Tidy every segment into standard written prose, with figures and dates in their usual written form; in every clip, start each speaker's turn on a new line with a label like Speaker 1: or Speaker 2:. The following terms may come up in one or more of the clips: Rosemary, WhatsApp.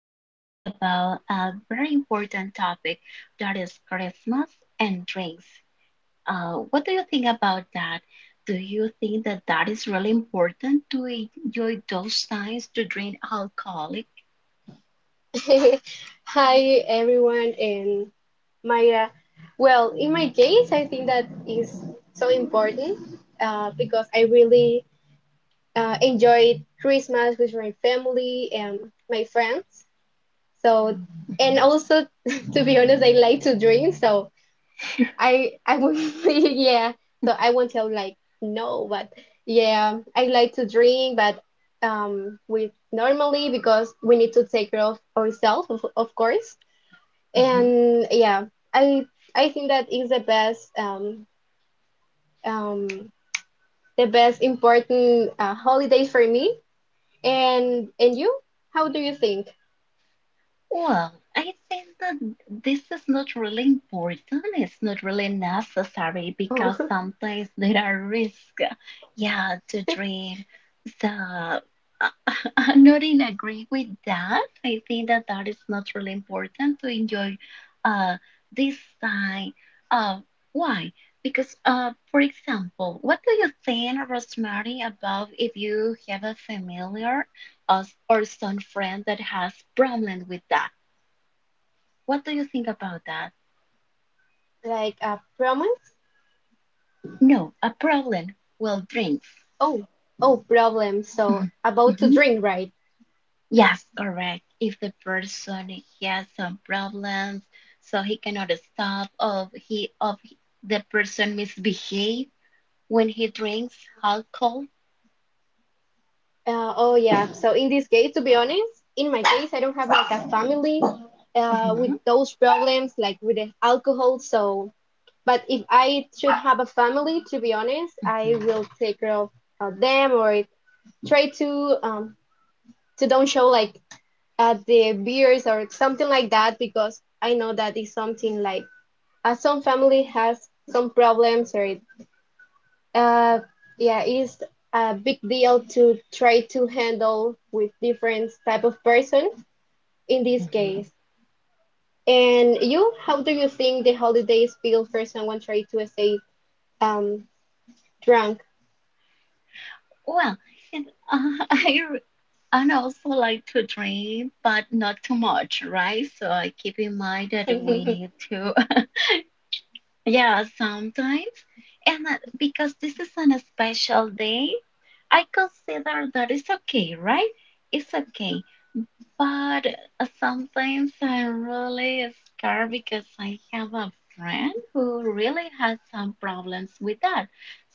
Speaker 1: podcast about a very important topic that is Christmas and drinks. What do you think about that? Do you think that that is really important to enjoy those times to drink alcoholic?
Speaker 2: Hi everyone and Maya. Well, in my case, I think that is so important because I really enjoyed Christmas with my family and my friends. So,
Speaker 1: Mhm,
Speaker 2: and also to be honest, I like to drink. So I would yeah. So I won't tell like no, but yeah, I like to drink, but with normally because we need to take care of ourselves, of course.
Speaker 1: mhm.
Speaker 2: And yeah, i I think that is um the best important holiday for me. And you, how do you think?
Speaker 1: Well, I think that this is not really important. It's not really necessary
Speaker 2: Oh,
Speaker 1: because sometimes there are risks, yeah, to drink. So I'm not in agree with that. I think that that is not really important to enjoy uh, this time. Uh, why? Because, for example, what do you think, Rosemary, about if you have a familiar us or some friend that has problem with that, what do you think about that?
Speaker 2: like a promise.
Speaker 1: No, a problem. Well, drinks.
Speaker 2: Oh, oh, problem. So
Speaker 1: Mhm,
Speaker 2: about to
Speaker 1: mhm.
Speaker 2: drink, right?
Speaker 1: Yes, correct. If the person has some problems, so he cannot stop, or of the person misbehave when he drinks alcohol.
Speaker 2: Oh yeah. So in this case, to be honest, in my case I don't have like a family
Speaker 1: Hmm,
Speaker 2: with those problems, like with the alcohol. So but if I should have a family, to be honest, I
Speaker 1: hmm,
Speaker 2: will take care of them or try to don't show like at the beers or something like that, because I know that is something like some family has some problems. Or it, uh, yeah, it's a big deal to try to handle with different type of person in this
Speaker 1: hmm.
Speaker 2: case. And you, how do you think the holidays feel for someone trying to stay um drunk?
Speaker 1: Well, and, I and also like to drink, but not too much, right? So I keep in mind that we need to. Yeah, sometimes. And because this is an special day, I consider that it's okay, right? It's okay. But sometimes I really scared because I have a friend who really has some problems with that.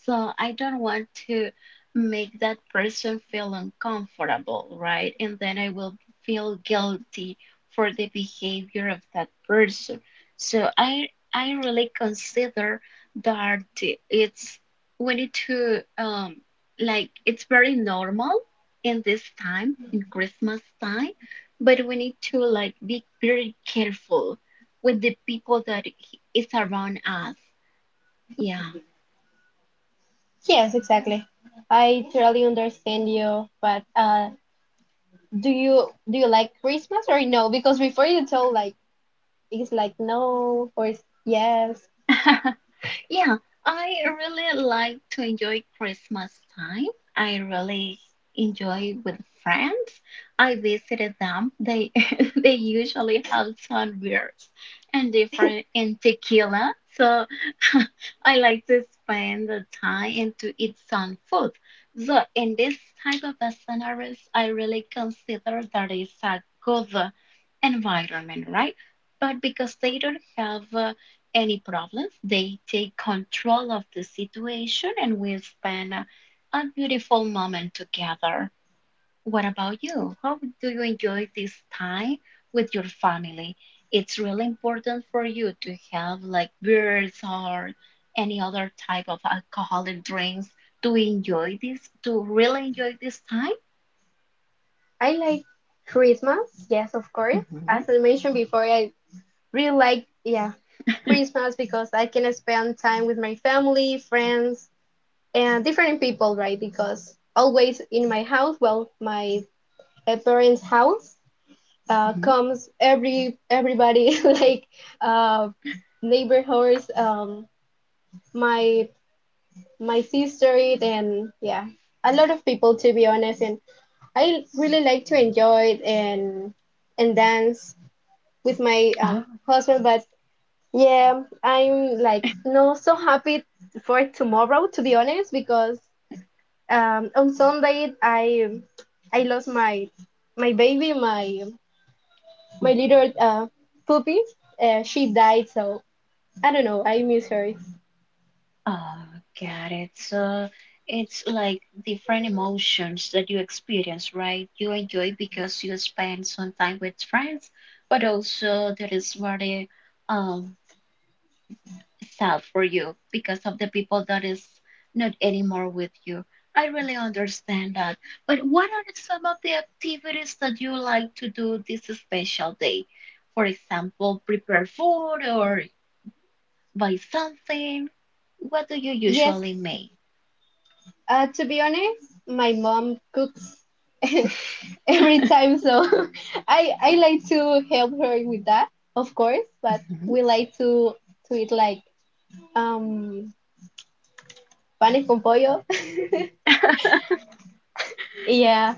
Speaker 1: So I don't want to make that person feel uncomfortable, right? And then I will feel guilty for the behavior of that person. So I really consider that it's we need to like it's very normal in this time in Christmas time, but we need to like be very careful with the people that is around us. Yeah.
Speaker 2: Yes, exactly. I totally understand you, but do you like Christmas or no? Because before you told like it's like no or it's yes.
Speaker 1: Yeah, I really like to enjoy Christmas time. I really enjoy with friends. I visited them. They they usually have sunbursts and different and tequila, so I like to spend the time and to eat some food. So in this type of the scenarios, I really consider that is a good environment, right? But because they don't have any problems, they take control of the situation and we spend a beautiful moment together. What about you? How do you enjoy this time with your family? It's really important for you to have like beers or any other type of alcoholic drinks to enjoy this, to really enjoy this time.
Speaker 2: I like Christmas, yes, of course.
Speaker 1: Hmm,
Speaker 2: As I mentioned before, I really like, yeah, Christmas, because I can spend time with my family, friends, and different people, right? Because always in my house, well, my parents' house,
Speaker 1: hmm.
Speaker 2: comes everybody like uh, neighborhoods, my my sister it. And yeah, a lot of people, to be honest, and I really like to enjoy it and dance with my
Speaker 1: Oh,
Speaker 2: husband. But yeah, I'm like not so happy for tomorrow, to be honest, because on Sunday I lost my baby, my
Speaker 1: mhm.
Speaker 2: little puppy. She died, so I don't know, I miss her.
Speaker 1: Oh, got it. So it's like different emotions that you experience, right? You enjoy because you spend some time with friends, but also there is very um. sad for you because of the people that is not anymore with you. I really understand that. But what are some of the activities that you like to do this special day? For example, prepare food or buy something. What do you
Speaker 2: Yes,
Speaker 1: usually make?
Speaker 2: to be honest, my mom cooks every time. So I like to help her with that, of course, but
Speaker 1: Hmm,
Speaker 2: we like to eat like um panes con pollo.
Speaker 1: hmm,
Speaker 2: Yeah,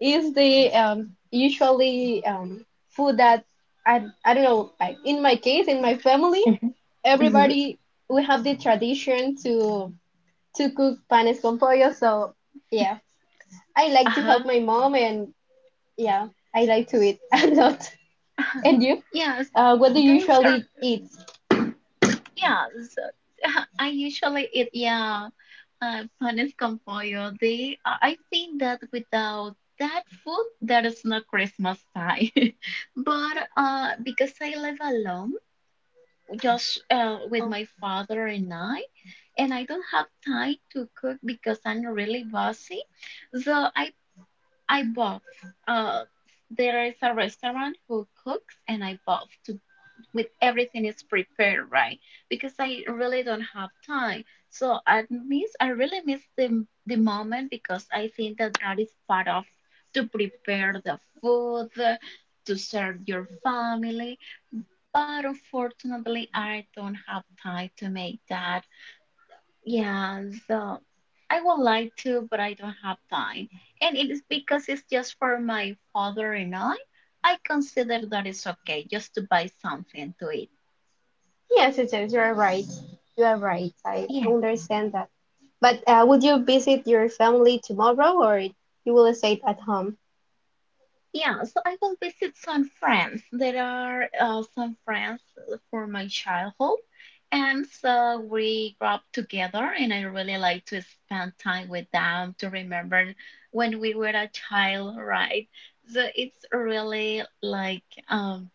Speaker 2: is the usually food that I don't know, like in my case, in my family,
Speaker 1: hmm.
Speaker 2: everybody we have the tradition to cook panes con pollo, so yeah. I like to
Speaker 1: Uh-huh.
Speaker 2: help my mom and yeah, I like to eat a lot. And you?
Speaker 1: Yes,
Speaker 2: What do you
Speaker 1: those are
Speaker 2: usually eat?
Speaker 1: yes. I usually eat, yeah. Honest compoyo, they I think that without that food, there is no Christmas time. But because I live alone, just with
Speaker 2: Oh,
Speaker 1: my father and I don't have time to cook because I'm really busy. So I bought. Uh, there is a restaurant who cooks, and I bought to with everything is prepared, right? Because I really don't have time. So I really miss the moment because I think that that is part of to prepare the food to serve your family. But unfortunately I don't have time to make that, yeah. So I would like to, but I don't have time. And it is because it's just for my father and I consider that it's okay just to buy something to eat.
Speaker 2: yes, yes, yes, you are right. You are right. I
Speaker 1: Yeah.
Speaker 2: understand that. But would you visit your family tomorrow or you will stay at home?
Speaker 1: Yeah, so I will visit some friends. There are some friends from my childhood, and so we grew up together, and I really like to spend time with them to remember when we were a child, right? So it's really like um,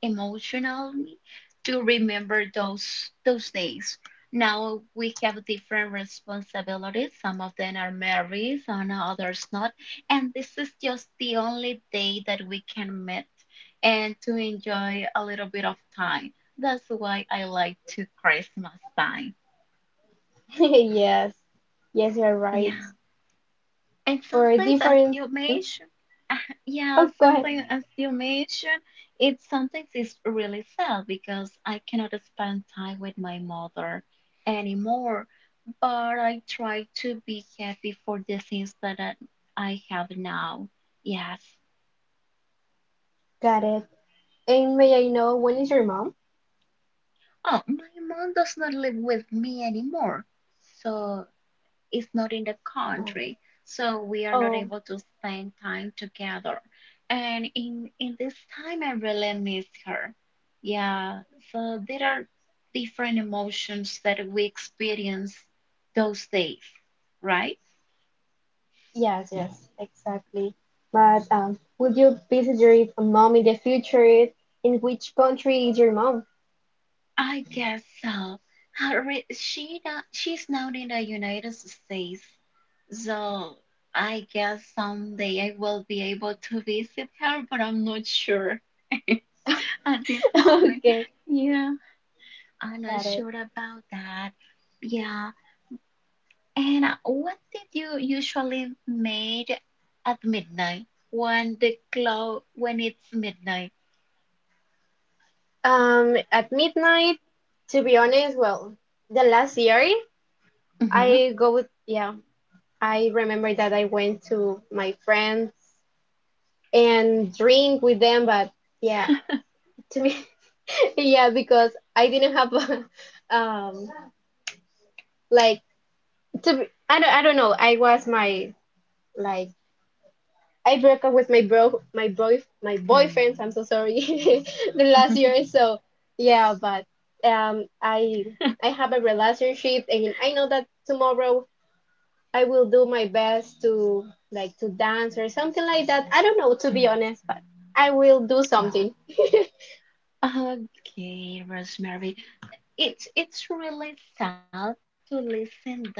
Speaker 1: emotionally to remember those days. Now we have different responsibilities. Some of them are married, some others not, and this is just the only day that we can meet and to enjoy a little bit of time. That's why I like to Christmas time.
Speaker 2: Yes, yes, you're right.
Speaker 1: Yeah. And
Speaker 2: For a
Speaker 1: sometimes, as
Speaker 2: different.
Speaker 1: you
Speaker 2: Hmm?
Speaker 1: mentioned, yeah,
Speaker 2: Oh, go ahead.
Speaker 1: sometimes as you mentioned, it sometimes is really sad because I cannot spend time with my mother anymore. But I try to be happy for the things that I have now. Yes.
Speaker 2: Got it. And may I know when is your mom?
Speaker 1: Oh, my mom does not live with me anymore, so is not in the
Speaker 2: Uh,
Speaker 1: country, so we are not
Speaker 2: Oh,
Speaker 1: able to spend time together. And in this time, I really miss her. Yeah, so there are different emotions that we experience those days, right?
Speaker 2: yes, yes, exactly. But would you visit your mom in the future? In which country is your mom?
Speaker 1: I guess so. Her, re- she not, she's not in the United States, so I guess someday I will be able to visit her, but I'm not sure at this moment.
Speaker 2: Okay.
Speaker 1: Yeah. I'm not
Speaker 2: Got it.
Speaker 1: sure about that. Yeah. And what did you usually make at midnight when the cloud when it's midnight?
Speaker 2: At midnight, to be honest, well, the last year
Speaker 1: Mm-hmm.
Speaker 2: I go with, yeah, I remember that I went to my friends and drink with them, but yeah, to me, yeah, because I didn't have a, like to be, I don't know, I was my like I broke up with my bro, my boy, my boyfriend. I'm
Speaker 1: Mm-hmm.
Speaker 2: so sorry, the last year. So yeah, but um, I I have a relationship, and I know that tomorrow I will do my best to like to dance or something like that. I don't know, to be honest, but I will do
Speaker 1: Oh.
Speaker 2: something.
Speaker 1: Okay, Rosemary. It's really sad to listen that.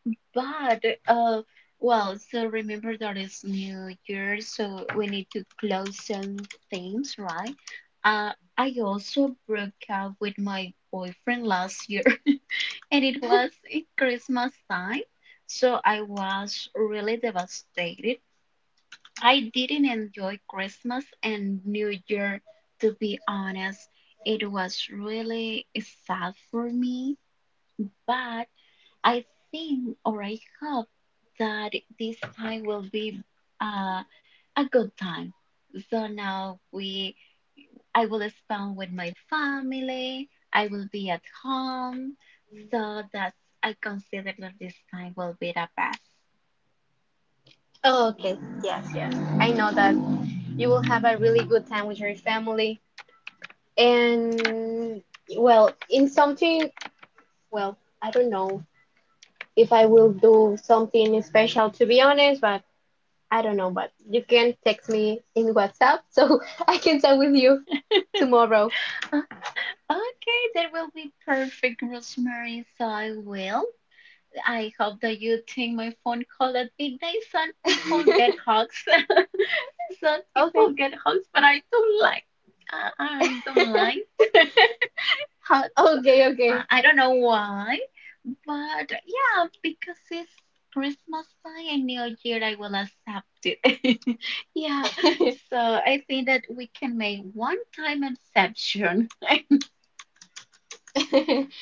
Speaker 1: But uh, well, so remember that it's New Year, so we need to close some things, right? Uh, I also broke up with my boyfriend last year, and it was in Christmas time, so I was really devastated. I didn't enjoy Christmas and New Year, to be honest. It was really sad for me, but. I think or I hope that this time will be uh, a good time. So now I will spend with my family. I will be at home. So that's I consider that this time will be the best.
Speaker 2: Oh, okay. Yes, yes. I know that you will have a really good time with your family. And, well, in something, well, I don't know if I will do something special, to be honest, but I don't know. But you can text me in WhatsApp so I can talk with you tomorrow.
Speaker 1: Uh, Okay, that will be perfect, Rosemary. So I will. I hope that you take my phone call at midnight so people get hugs. Some people
Speaker 2: Okay.
Speaker 1: get hugs, but I don't like. I, I don't like hugs. I,
Speaker 2: Okay,
Speaker 1: I don't know why, but yeah, because it's Christmas time and New Year, I will accept it. Yeah,
Speaker 2: okay.
Speaker 1: so I think that we can make one time exception.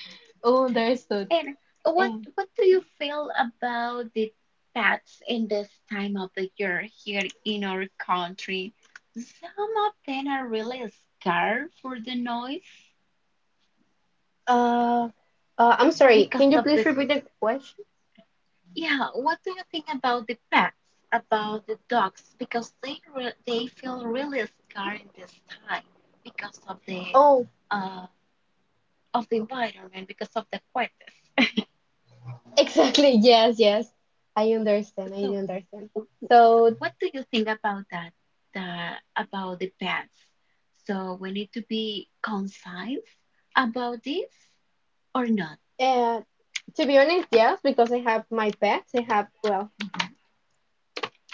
Speaker 2: Oh, understood.
Speaker 1: And what
Speaker 2: Um,
Speaker 1: what do you feel about the pets in this time of the year here in our country? Some of them are really scared for the noise.
Speaker 2: Uh, I'm sorry.
Speaker 1: Because
Speaker 2: Can you
Speaker 1: of
Speaker 2: please
Speaker 1: the
Speaker 2: repeat the question?
Speaker 1: Yeah, what do you think about the pets, about the dogs? Because they feel really scared in this time because of the
Speaker 2: Oh,
Speaker 1: uh environment, because of the cohetes.
Speaker 2: exactly. Yes, yes. I understand. I
Speaker 1: So,
Speaker 2: understand.
Speaker 1: so
Speaker 2: So,
Speaker 1: what do you think about that? The About the pets? So we need to be concise about this or not?
Speaker 2: uh, to be honest, yes, because I have my pets. I have, well,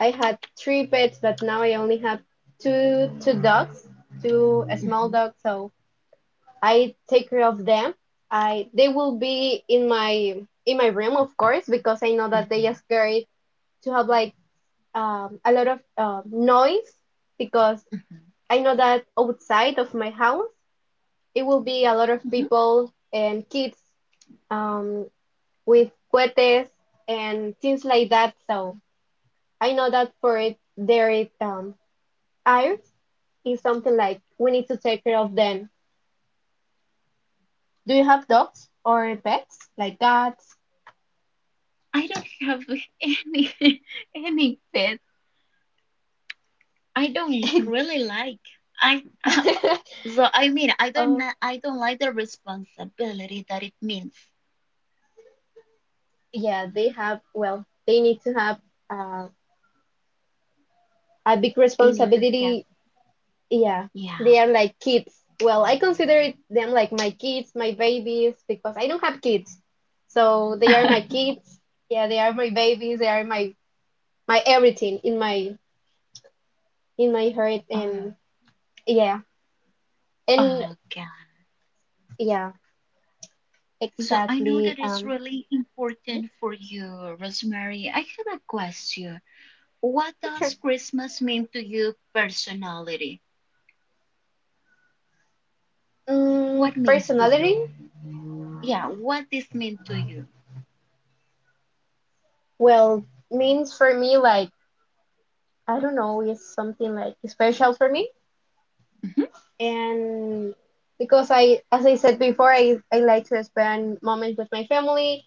Speaker 2: I had three pets, but now I only have two dogs, two small
Speaker 1: Hmm,
Speaker 2: dogs. So I take care of them. I they will be in my room, of course, because I know that they are
Speaker 1: hmm,
Speaker 2: scared to have like a lot of noise, because
Speaker 1: hmm,
Speaker 2: I know that outside of my house it will be a lot
Speaker 1: hmm.
Speaker 2: of people and kids um, with cohetes and things like that. So I know that for it, their eyes is something like we need to take care of them. Do you have dogs or pets like cats?
Speaker 1: I don't have any any pets. I don't really like. I so I mean
Speaker 2: Oh,
Speaker 1: I don't like the responsibility that it means
Speaker 2: yeah, they have, well, they need to have uh, a big
Speaker 1: they need to have.
Speaker 2: responsibility. Yeah,
Speaker 1: Yeah.
Speaker 2: they are like kids. Well, I consider it them like my kids, my babies, because I don't have kids. So they are my kids. Yeah, they are my babies. They are my everything in my heart.
Speaker 1: Oh,
Speaker 2: And yeah. And
Speaker 1: oh God.
Speaker 2: yeah,
Speaker 1: So I know
Speaker 2: exactly.
Speaker 1: that it's really important for you, Rosemary. I have a question. What does Christmas mean to you personality?
Speaker 2: Mm,
Speaker 1: What means to
Speaker 2: personality?
Speaker 1: you? Yeah, what this mean to you?
Speaker 2: Well, means for me, like, I don't know, it's something like special for me.
Speaker 1: Hmm,
Speaker 2: And because as I said before, I like to spend moments with my family.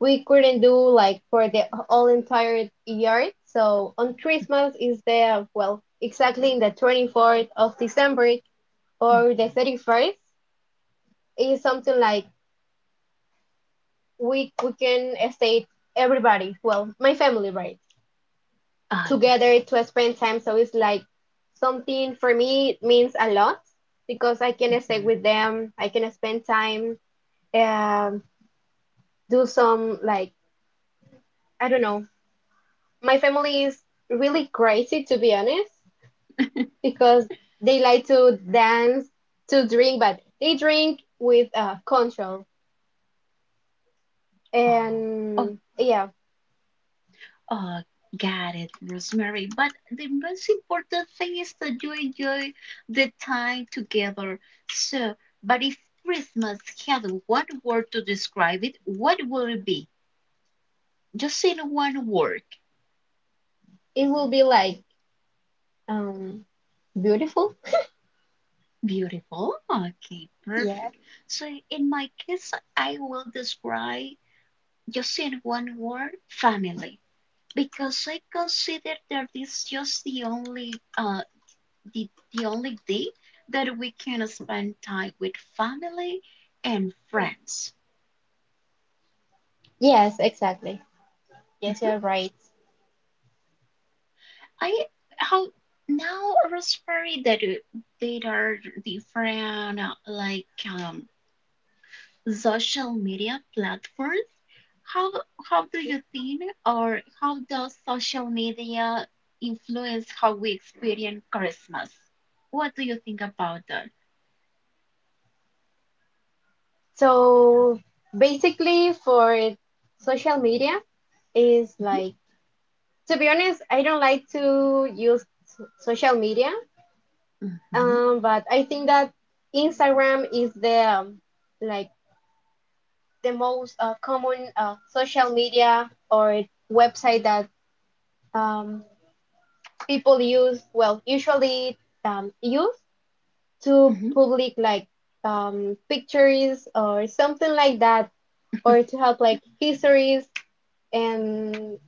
Speaker 2: We couldn't do like for the all entire year. So on Christmas is the, well, exactly in the 24th of December or the
Speaker 1: hmm.
Speaker 2: 31st is something like we can stay everybody, well, my family, right?
Speaker 1: Ah, yes.
Speaker 2: Together to spend time. So it's like something. For me it means a lot because I can stay
Speaker 1: Hmm.
Speaker 2: with them. I can spend time, um, do some like I don't know. My family is really crazy, to be honest, because they like to dance, to drink, but they drink with control.
Speaker 1: Oh, oh,
Speaker 2: And yeah,
Speaker 1: oh, got it, Rosemary. But the most important thing is that you enjoy the time together. So, but if Christmas had one word to describe it, what would it be? Just in one word.
Speaker 2: it will be like um, beautiful.
Speaker 1: Beautiful. Okay,
Speaker 2: Yeah.
Speaker 1: perfect. So, in my case, I will describe just in one word family because I consider that this just the, the only day that we can spend time with family and friends.
Speaker 2: Yes, exactly. Yes,
Speaker 1: Mhm.
Speaker 2: you're right.
Speaker 1: I how now Rosemary that there are different like um, social media platforms. How how do you think or how does social media influence how we experience Christmas? What do you think about that?
Speaker 2: So basically, for social media, is
Speaker 1: Mm-hmm.
Speaker 2: like, to be honest, I don't like to use social media,
Speaker 1: Mm-hmm.
Speaker 2: but I think that Instagram is the like the most common social media or website that um, people use. Well, usually use to
Speaker 1: Mm-hmm.
Speaker 2: public like pictures or something like that, or to have like histories and,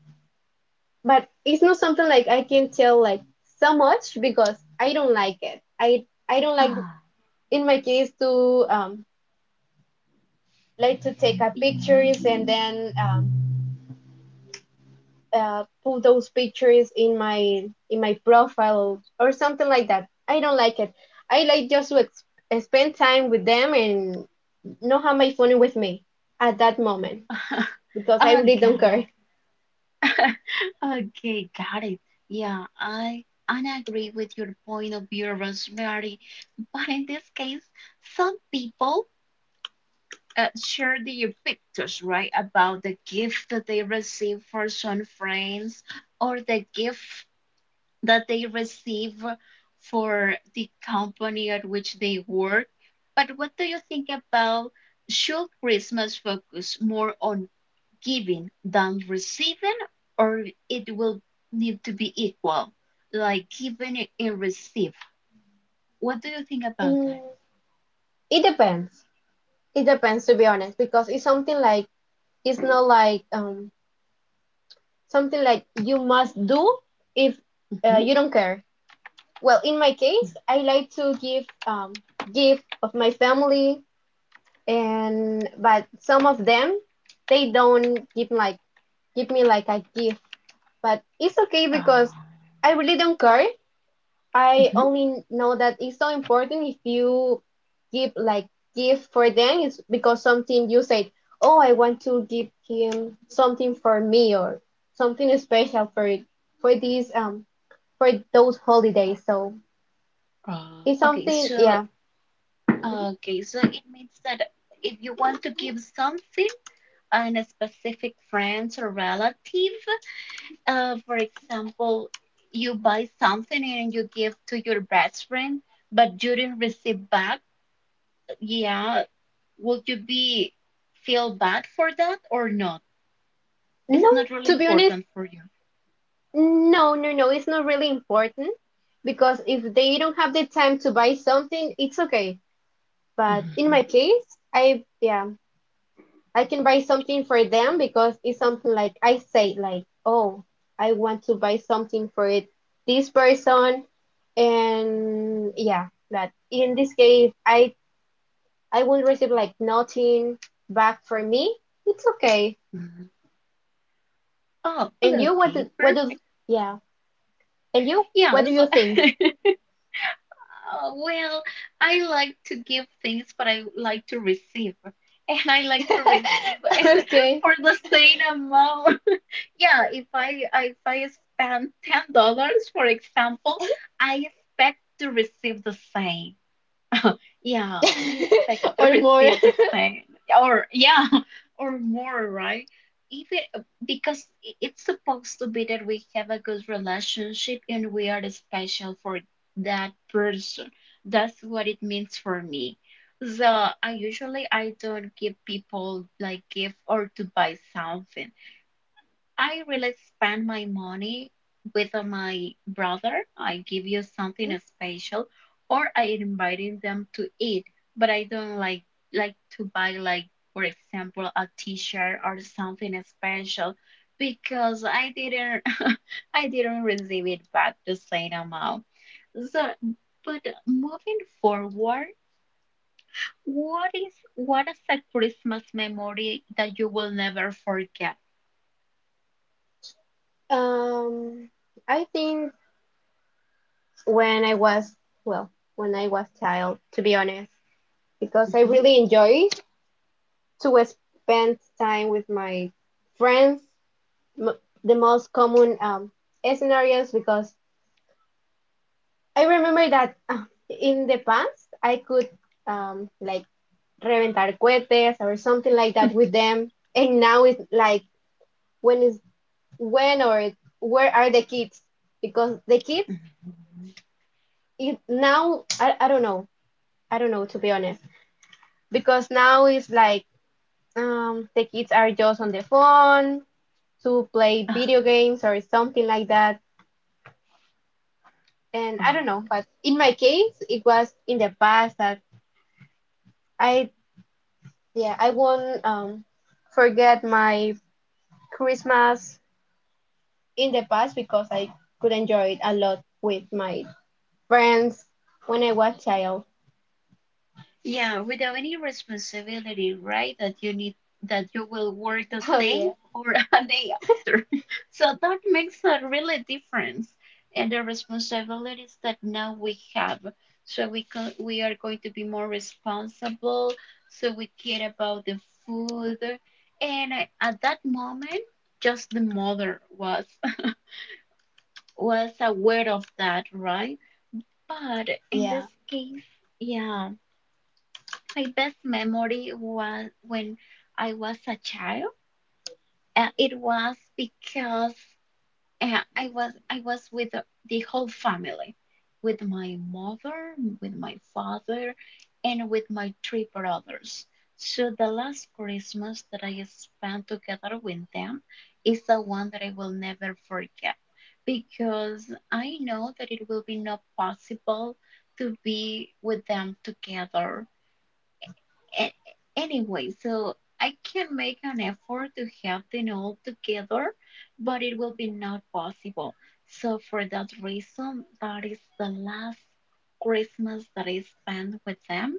Speaker 2: but it's not something like I can tell like so much because I don't like it. I don't like
Speaker 1: Ah,
Speaker 2: in my case to like to take up pictures and then put those pictures in my profile or something like that. I don't like it. I like just to ex spend time with them and not have my phone with me at that moment because I
Speaker 1: ah,
Speaker 2: really don't
Speaker 1: got
Speaker 2: care.
Speaker 1: it. Okay, got it. Yeah, I agree with your point of view, Rosemary. But in this case, some people share their pictures, right, about the gift that they receive for some friends or the gift that they receive for the company at which they work. But what do you think about should Christmas focus more on giving than receiving, or it will need to be equal, like giving and receive. What do you think about that?
Speaker 2: Mm, it depends. It depends, to be honest, because it's something like it's not like something like you must do if
Speaker 1: Hmm,
Speaker 2: you don't care. Well, in my case, I like to give give of my family, and but some of them they don't give like give me like a gift, but it's okay because I really don't care. I
Speaker 1: hmm.
Speaker 2: only know that it's so important if you give like gift for them, it's because something you said, oh, I want to give him something for me or something special for it for these for those holidays. So
Speaker 1: uh,
Speaker 2: it's
Speaker 1: Okay,
Speaker 2: something,
Speaker 1: so
Speaker 2: yeah.
Speaker 1: okay, so it means that if you want to give something and a specific friend or relative, for example, you buy something and you give to your best friend, but you didn't receive back, yeah, would you be feel bad for that or not? It's
Speaker 2: No,
Speaker 1: not really
Speaker 2: to be honest,
Speaker 1: important for you.
Speaker 2: no, no, no, it's not really important because if they don't have the time to buy something, it's okay. But in
Speaker 1: Mhm,
Speaker 2: my case, I yeah, I can buy something for them because it's something like I say like, oh, I want to buy something for it, this person, and yeah, that in this case I will receive like nothing back for me. It's okay.
Speaker 1: mhm. Oh,
Speaker 2: And you
Speaker 1: okay,
Speaker 2: what do
Speaker 1: perfect.
Speaker 2: yeah. And you
Speaker 1: Yeah,
Speaker 2: what do you
Speaker 1: so
Speaker 2: think?
Speaker 1: Well, I like to give things, but I like to receive. And I like to receive
Speaker 2: Okay.
Speaker 1: for the same amount. Yeah, if I spend $10, for example, I expect to receive the same. Yeah, I expect to
Speaker 2: Or more.
Speaker 1: receive the same or yeah, or more, right? Even because it's supposed to be that we have a good relationship and we are special for that person. That's what it means for me. So I usually I don't give people like gift or to buy something. I really spend my money with my brother. I give you something special, or I inviting them to eat. But I don't like to buy like for example a T-shirt or something special because I didn't I didn't receive it back the same amount. So, but moving forward, what is a Christmas memory that you will never forget?
Speaker 2: Um, I think when I was, well, when I was child, to be honest, because I
Speaker 1: Mhm.
Speaker 2: really enjoy to spend time with my friends. M the most common scenarios, because I remember that in the past I could like reventar cohetes or something like that with them, and now it's like when is when or where are the kids? Because the kids
Speaker 1: Mhm.
Speaker 2: it, now I don't know, I don't know, to be honest, because now it's like the kids are just on the phone to play
Speaker 1: Ah.
Speaker 2: video games or something like that. And I don't
Speaker 1: Oh.
Speaker 2: know, but in my case, it was in the past that I, yeah, I won't forget my Christmas in the past because I could enjoy it a lot with my friends when I was child.
Speaker 1: Yeah, without any responsibility, right? That you will work a
Speaker 2: Oh
Speaker 1: day
Speaker 2: yeah,
Speaker 1: or a day after. So that makes a really difference and the responsibilities that now we have. So we are going to be more responsible. So we care about the food. And at that moment, just the mother was was aware of that, right? But in this
Speaker 2: yeah.
Speaker 1: case, yeah. My best memory was when I was a child. It was because I was with the whole family, with my mother, with my father, and with my three brothers. So the last Christmas that I spent together with them is the one that I will never forget because I know that it will be not possible to be with them together a- anyway, so I can make an effort to have them all together, but it will be not possible. So for that reason, that is the last Christmas that I spend with them,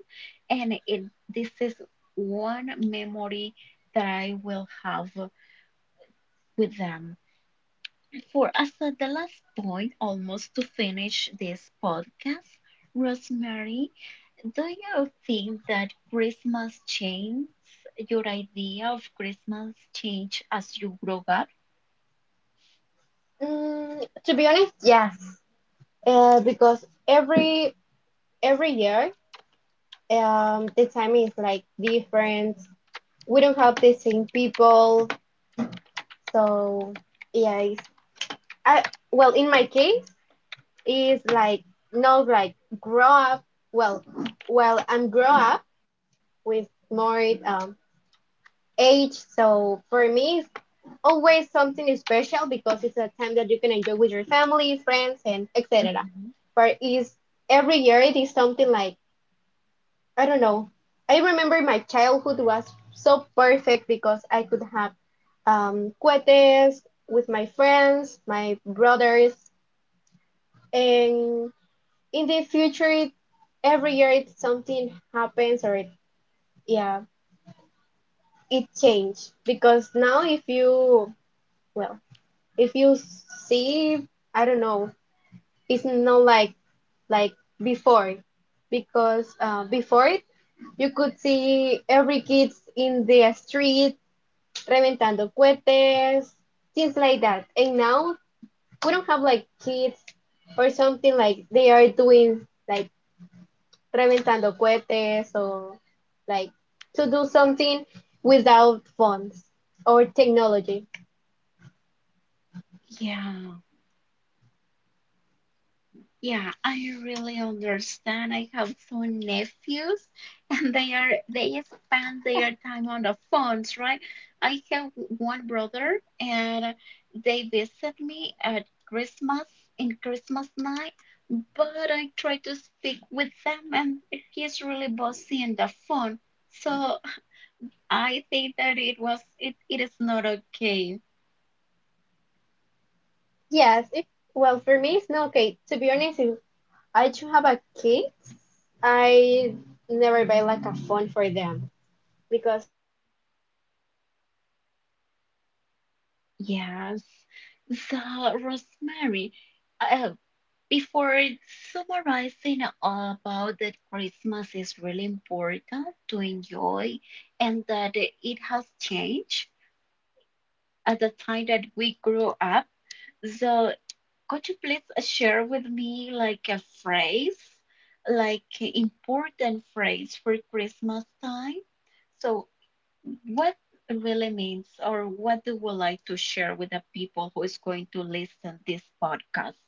Speaker 1: and it this is one memory that I will have with them. For as the last point, almost to finish this podcast, Rosemary. Do you think that Christmas changes your idea of Christmas change as you grow up?
Speaker 2: Mm, to be honest, yes, because every year, the time is like different. We don't have the same people. So yeah, it's, I well in my case is like not like grow up. Well, well I'm grow up with more age. So for me, it's always something special because it's a time that you can enjoy with your family, friends, and etc.
Speaker 1: Mhm.
Speaker 2: But is every year it is something like I don't know. I remember my childhood was so perfect because I could have cohetes with my friends, my brothers, and in the future it, every year it something happens or it yeah it changed. Because now if you well if you see I don't know, it's not like like before because before it you could see every kids in the street reventando cohetes, things like that, and now we don't have like kids or something like they are doing like reventando cohetes or like to do something without phones or technology.
Speaker 1: Yeah, yeah, I really understand. I have two nephews, and they spend their time on the phones, right? I have one brother and they visit me at Christmas in Christmas night, but I try to speak with them and he's really bossy in the phone. So I think that it is not okay.
Speaker 2: Yes, it, well, for me, it's not okay. To be honest, if I should have a kid, I never buy like a phone for them because it's not something like they can enjoy like with their
Speaker 1: Yes.
Speaker 2: childhoods.
Speaker 1: So
Speaker 2: So
Speaker 1: Rosemary,
Speaker 2: I don't know. What do
Speaker 1: uh,
Speaker 2: you think with that?
Speaker 1: before summarizing about that Christmas is really important to enjoy and that it has changed at the time that we grew up. So could you please share with me like a phrase, like important phrase for Christmas time? So. What really means, or what do we like to share with the people who is going to listen this podcast.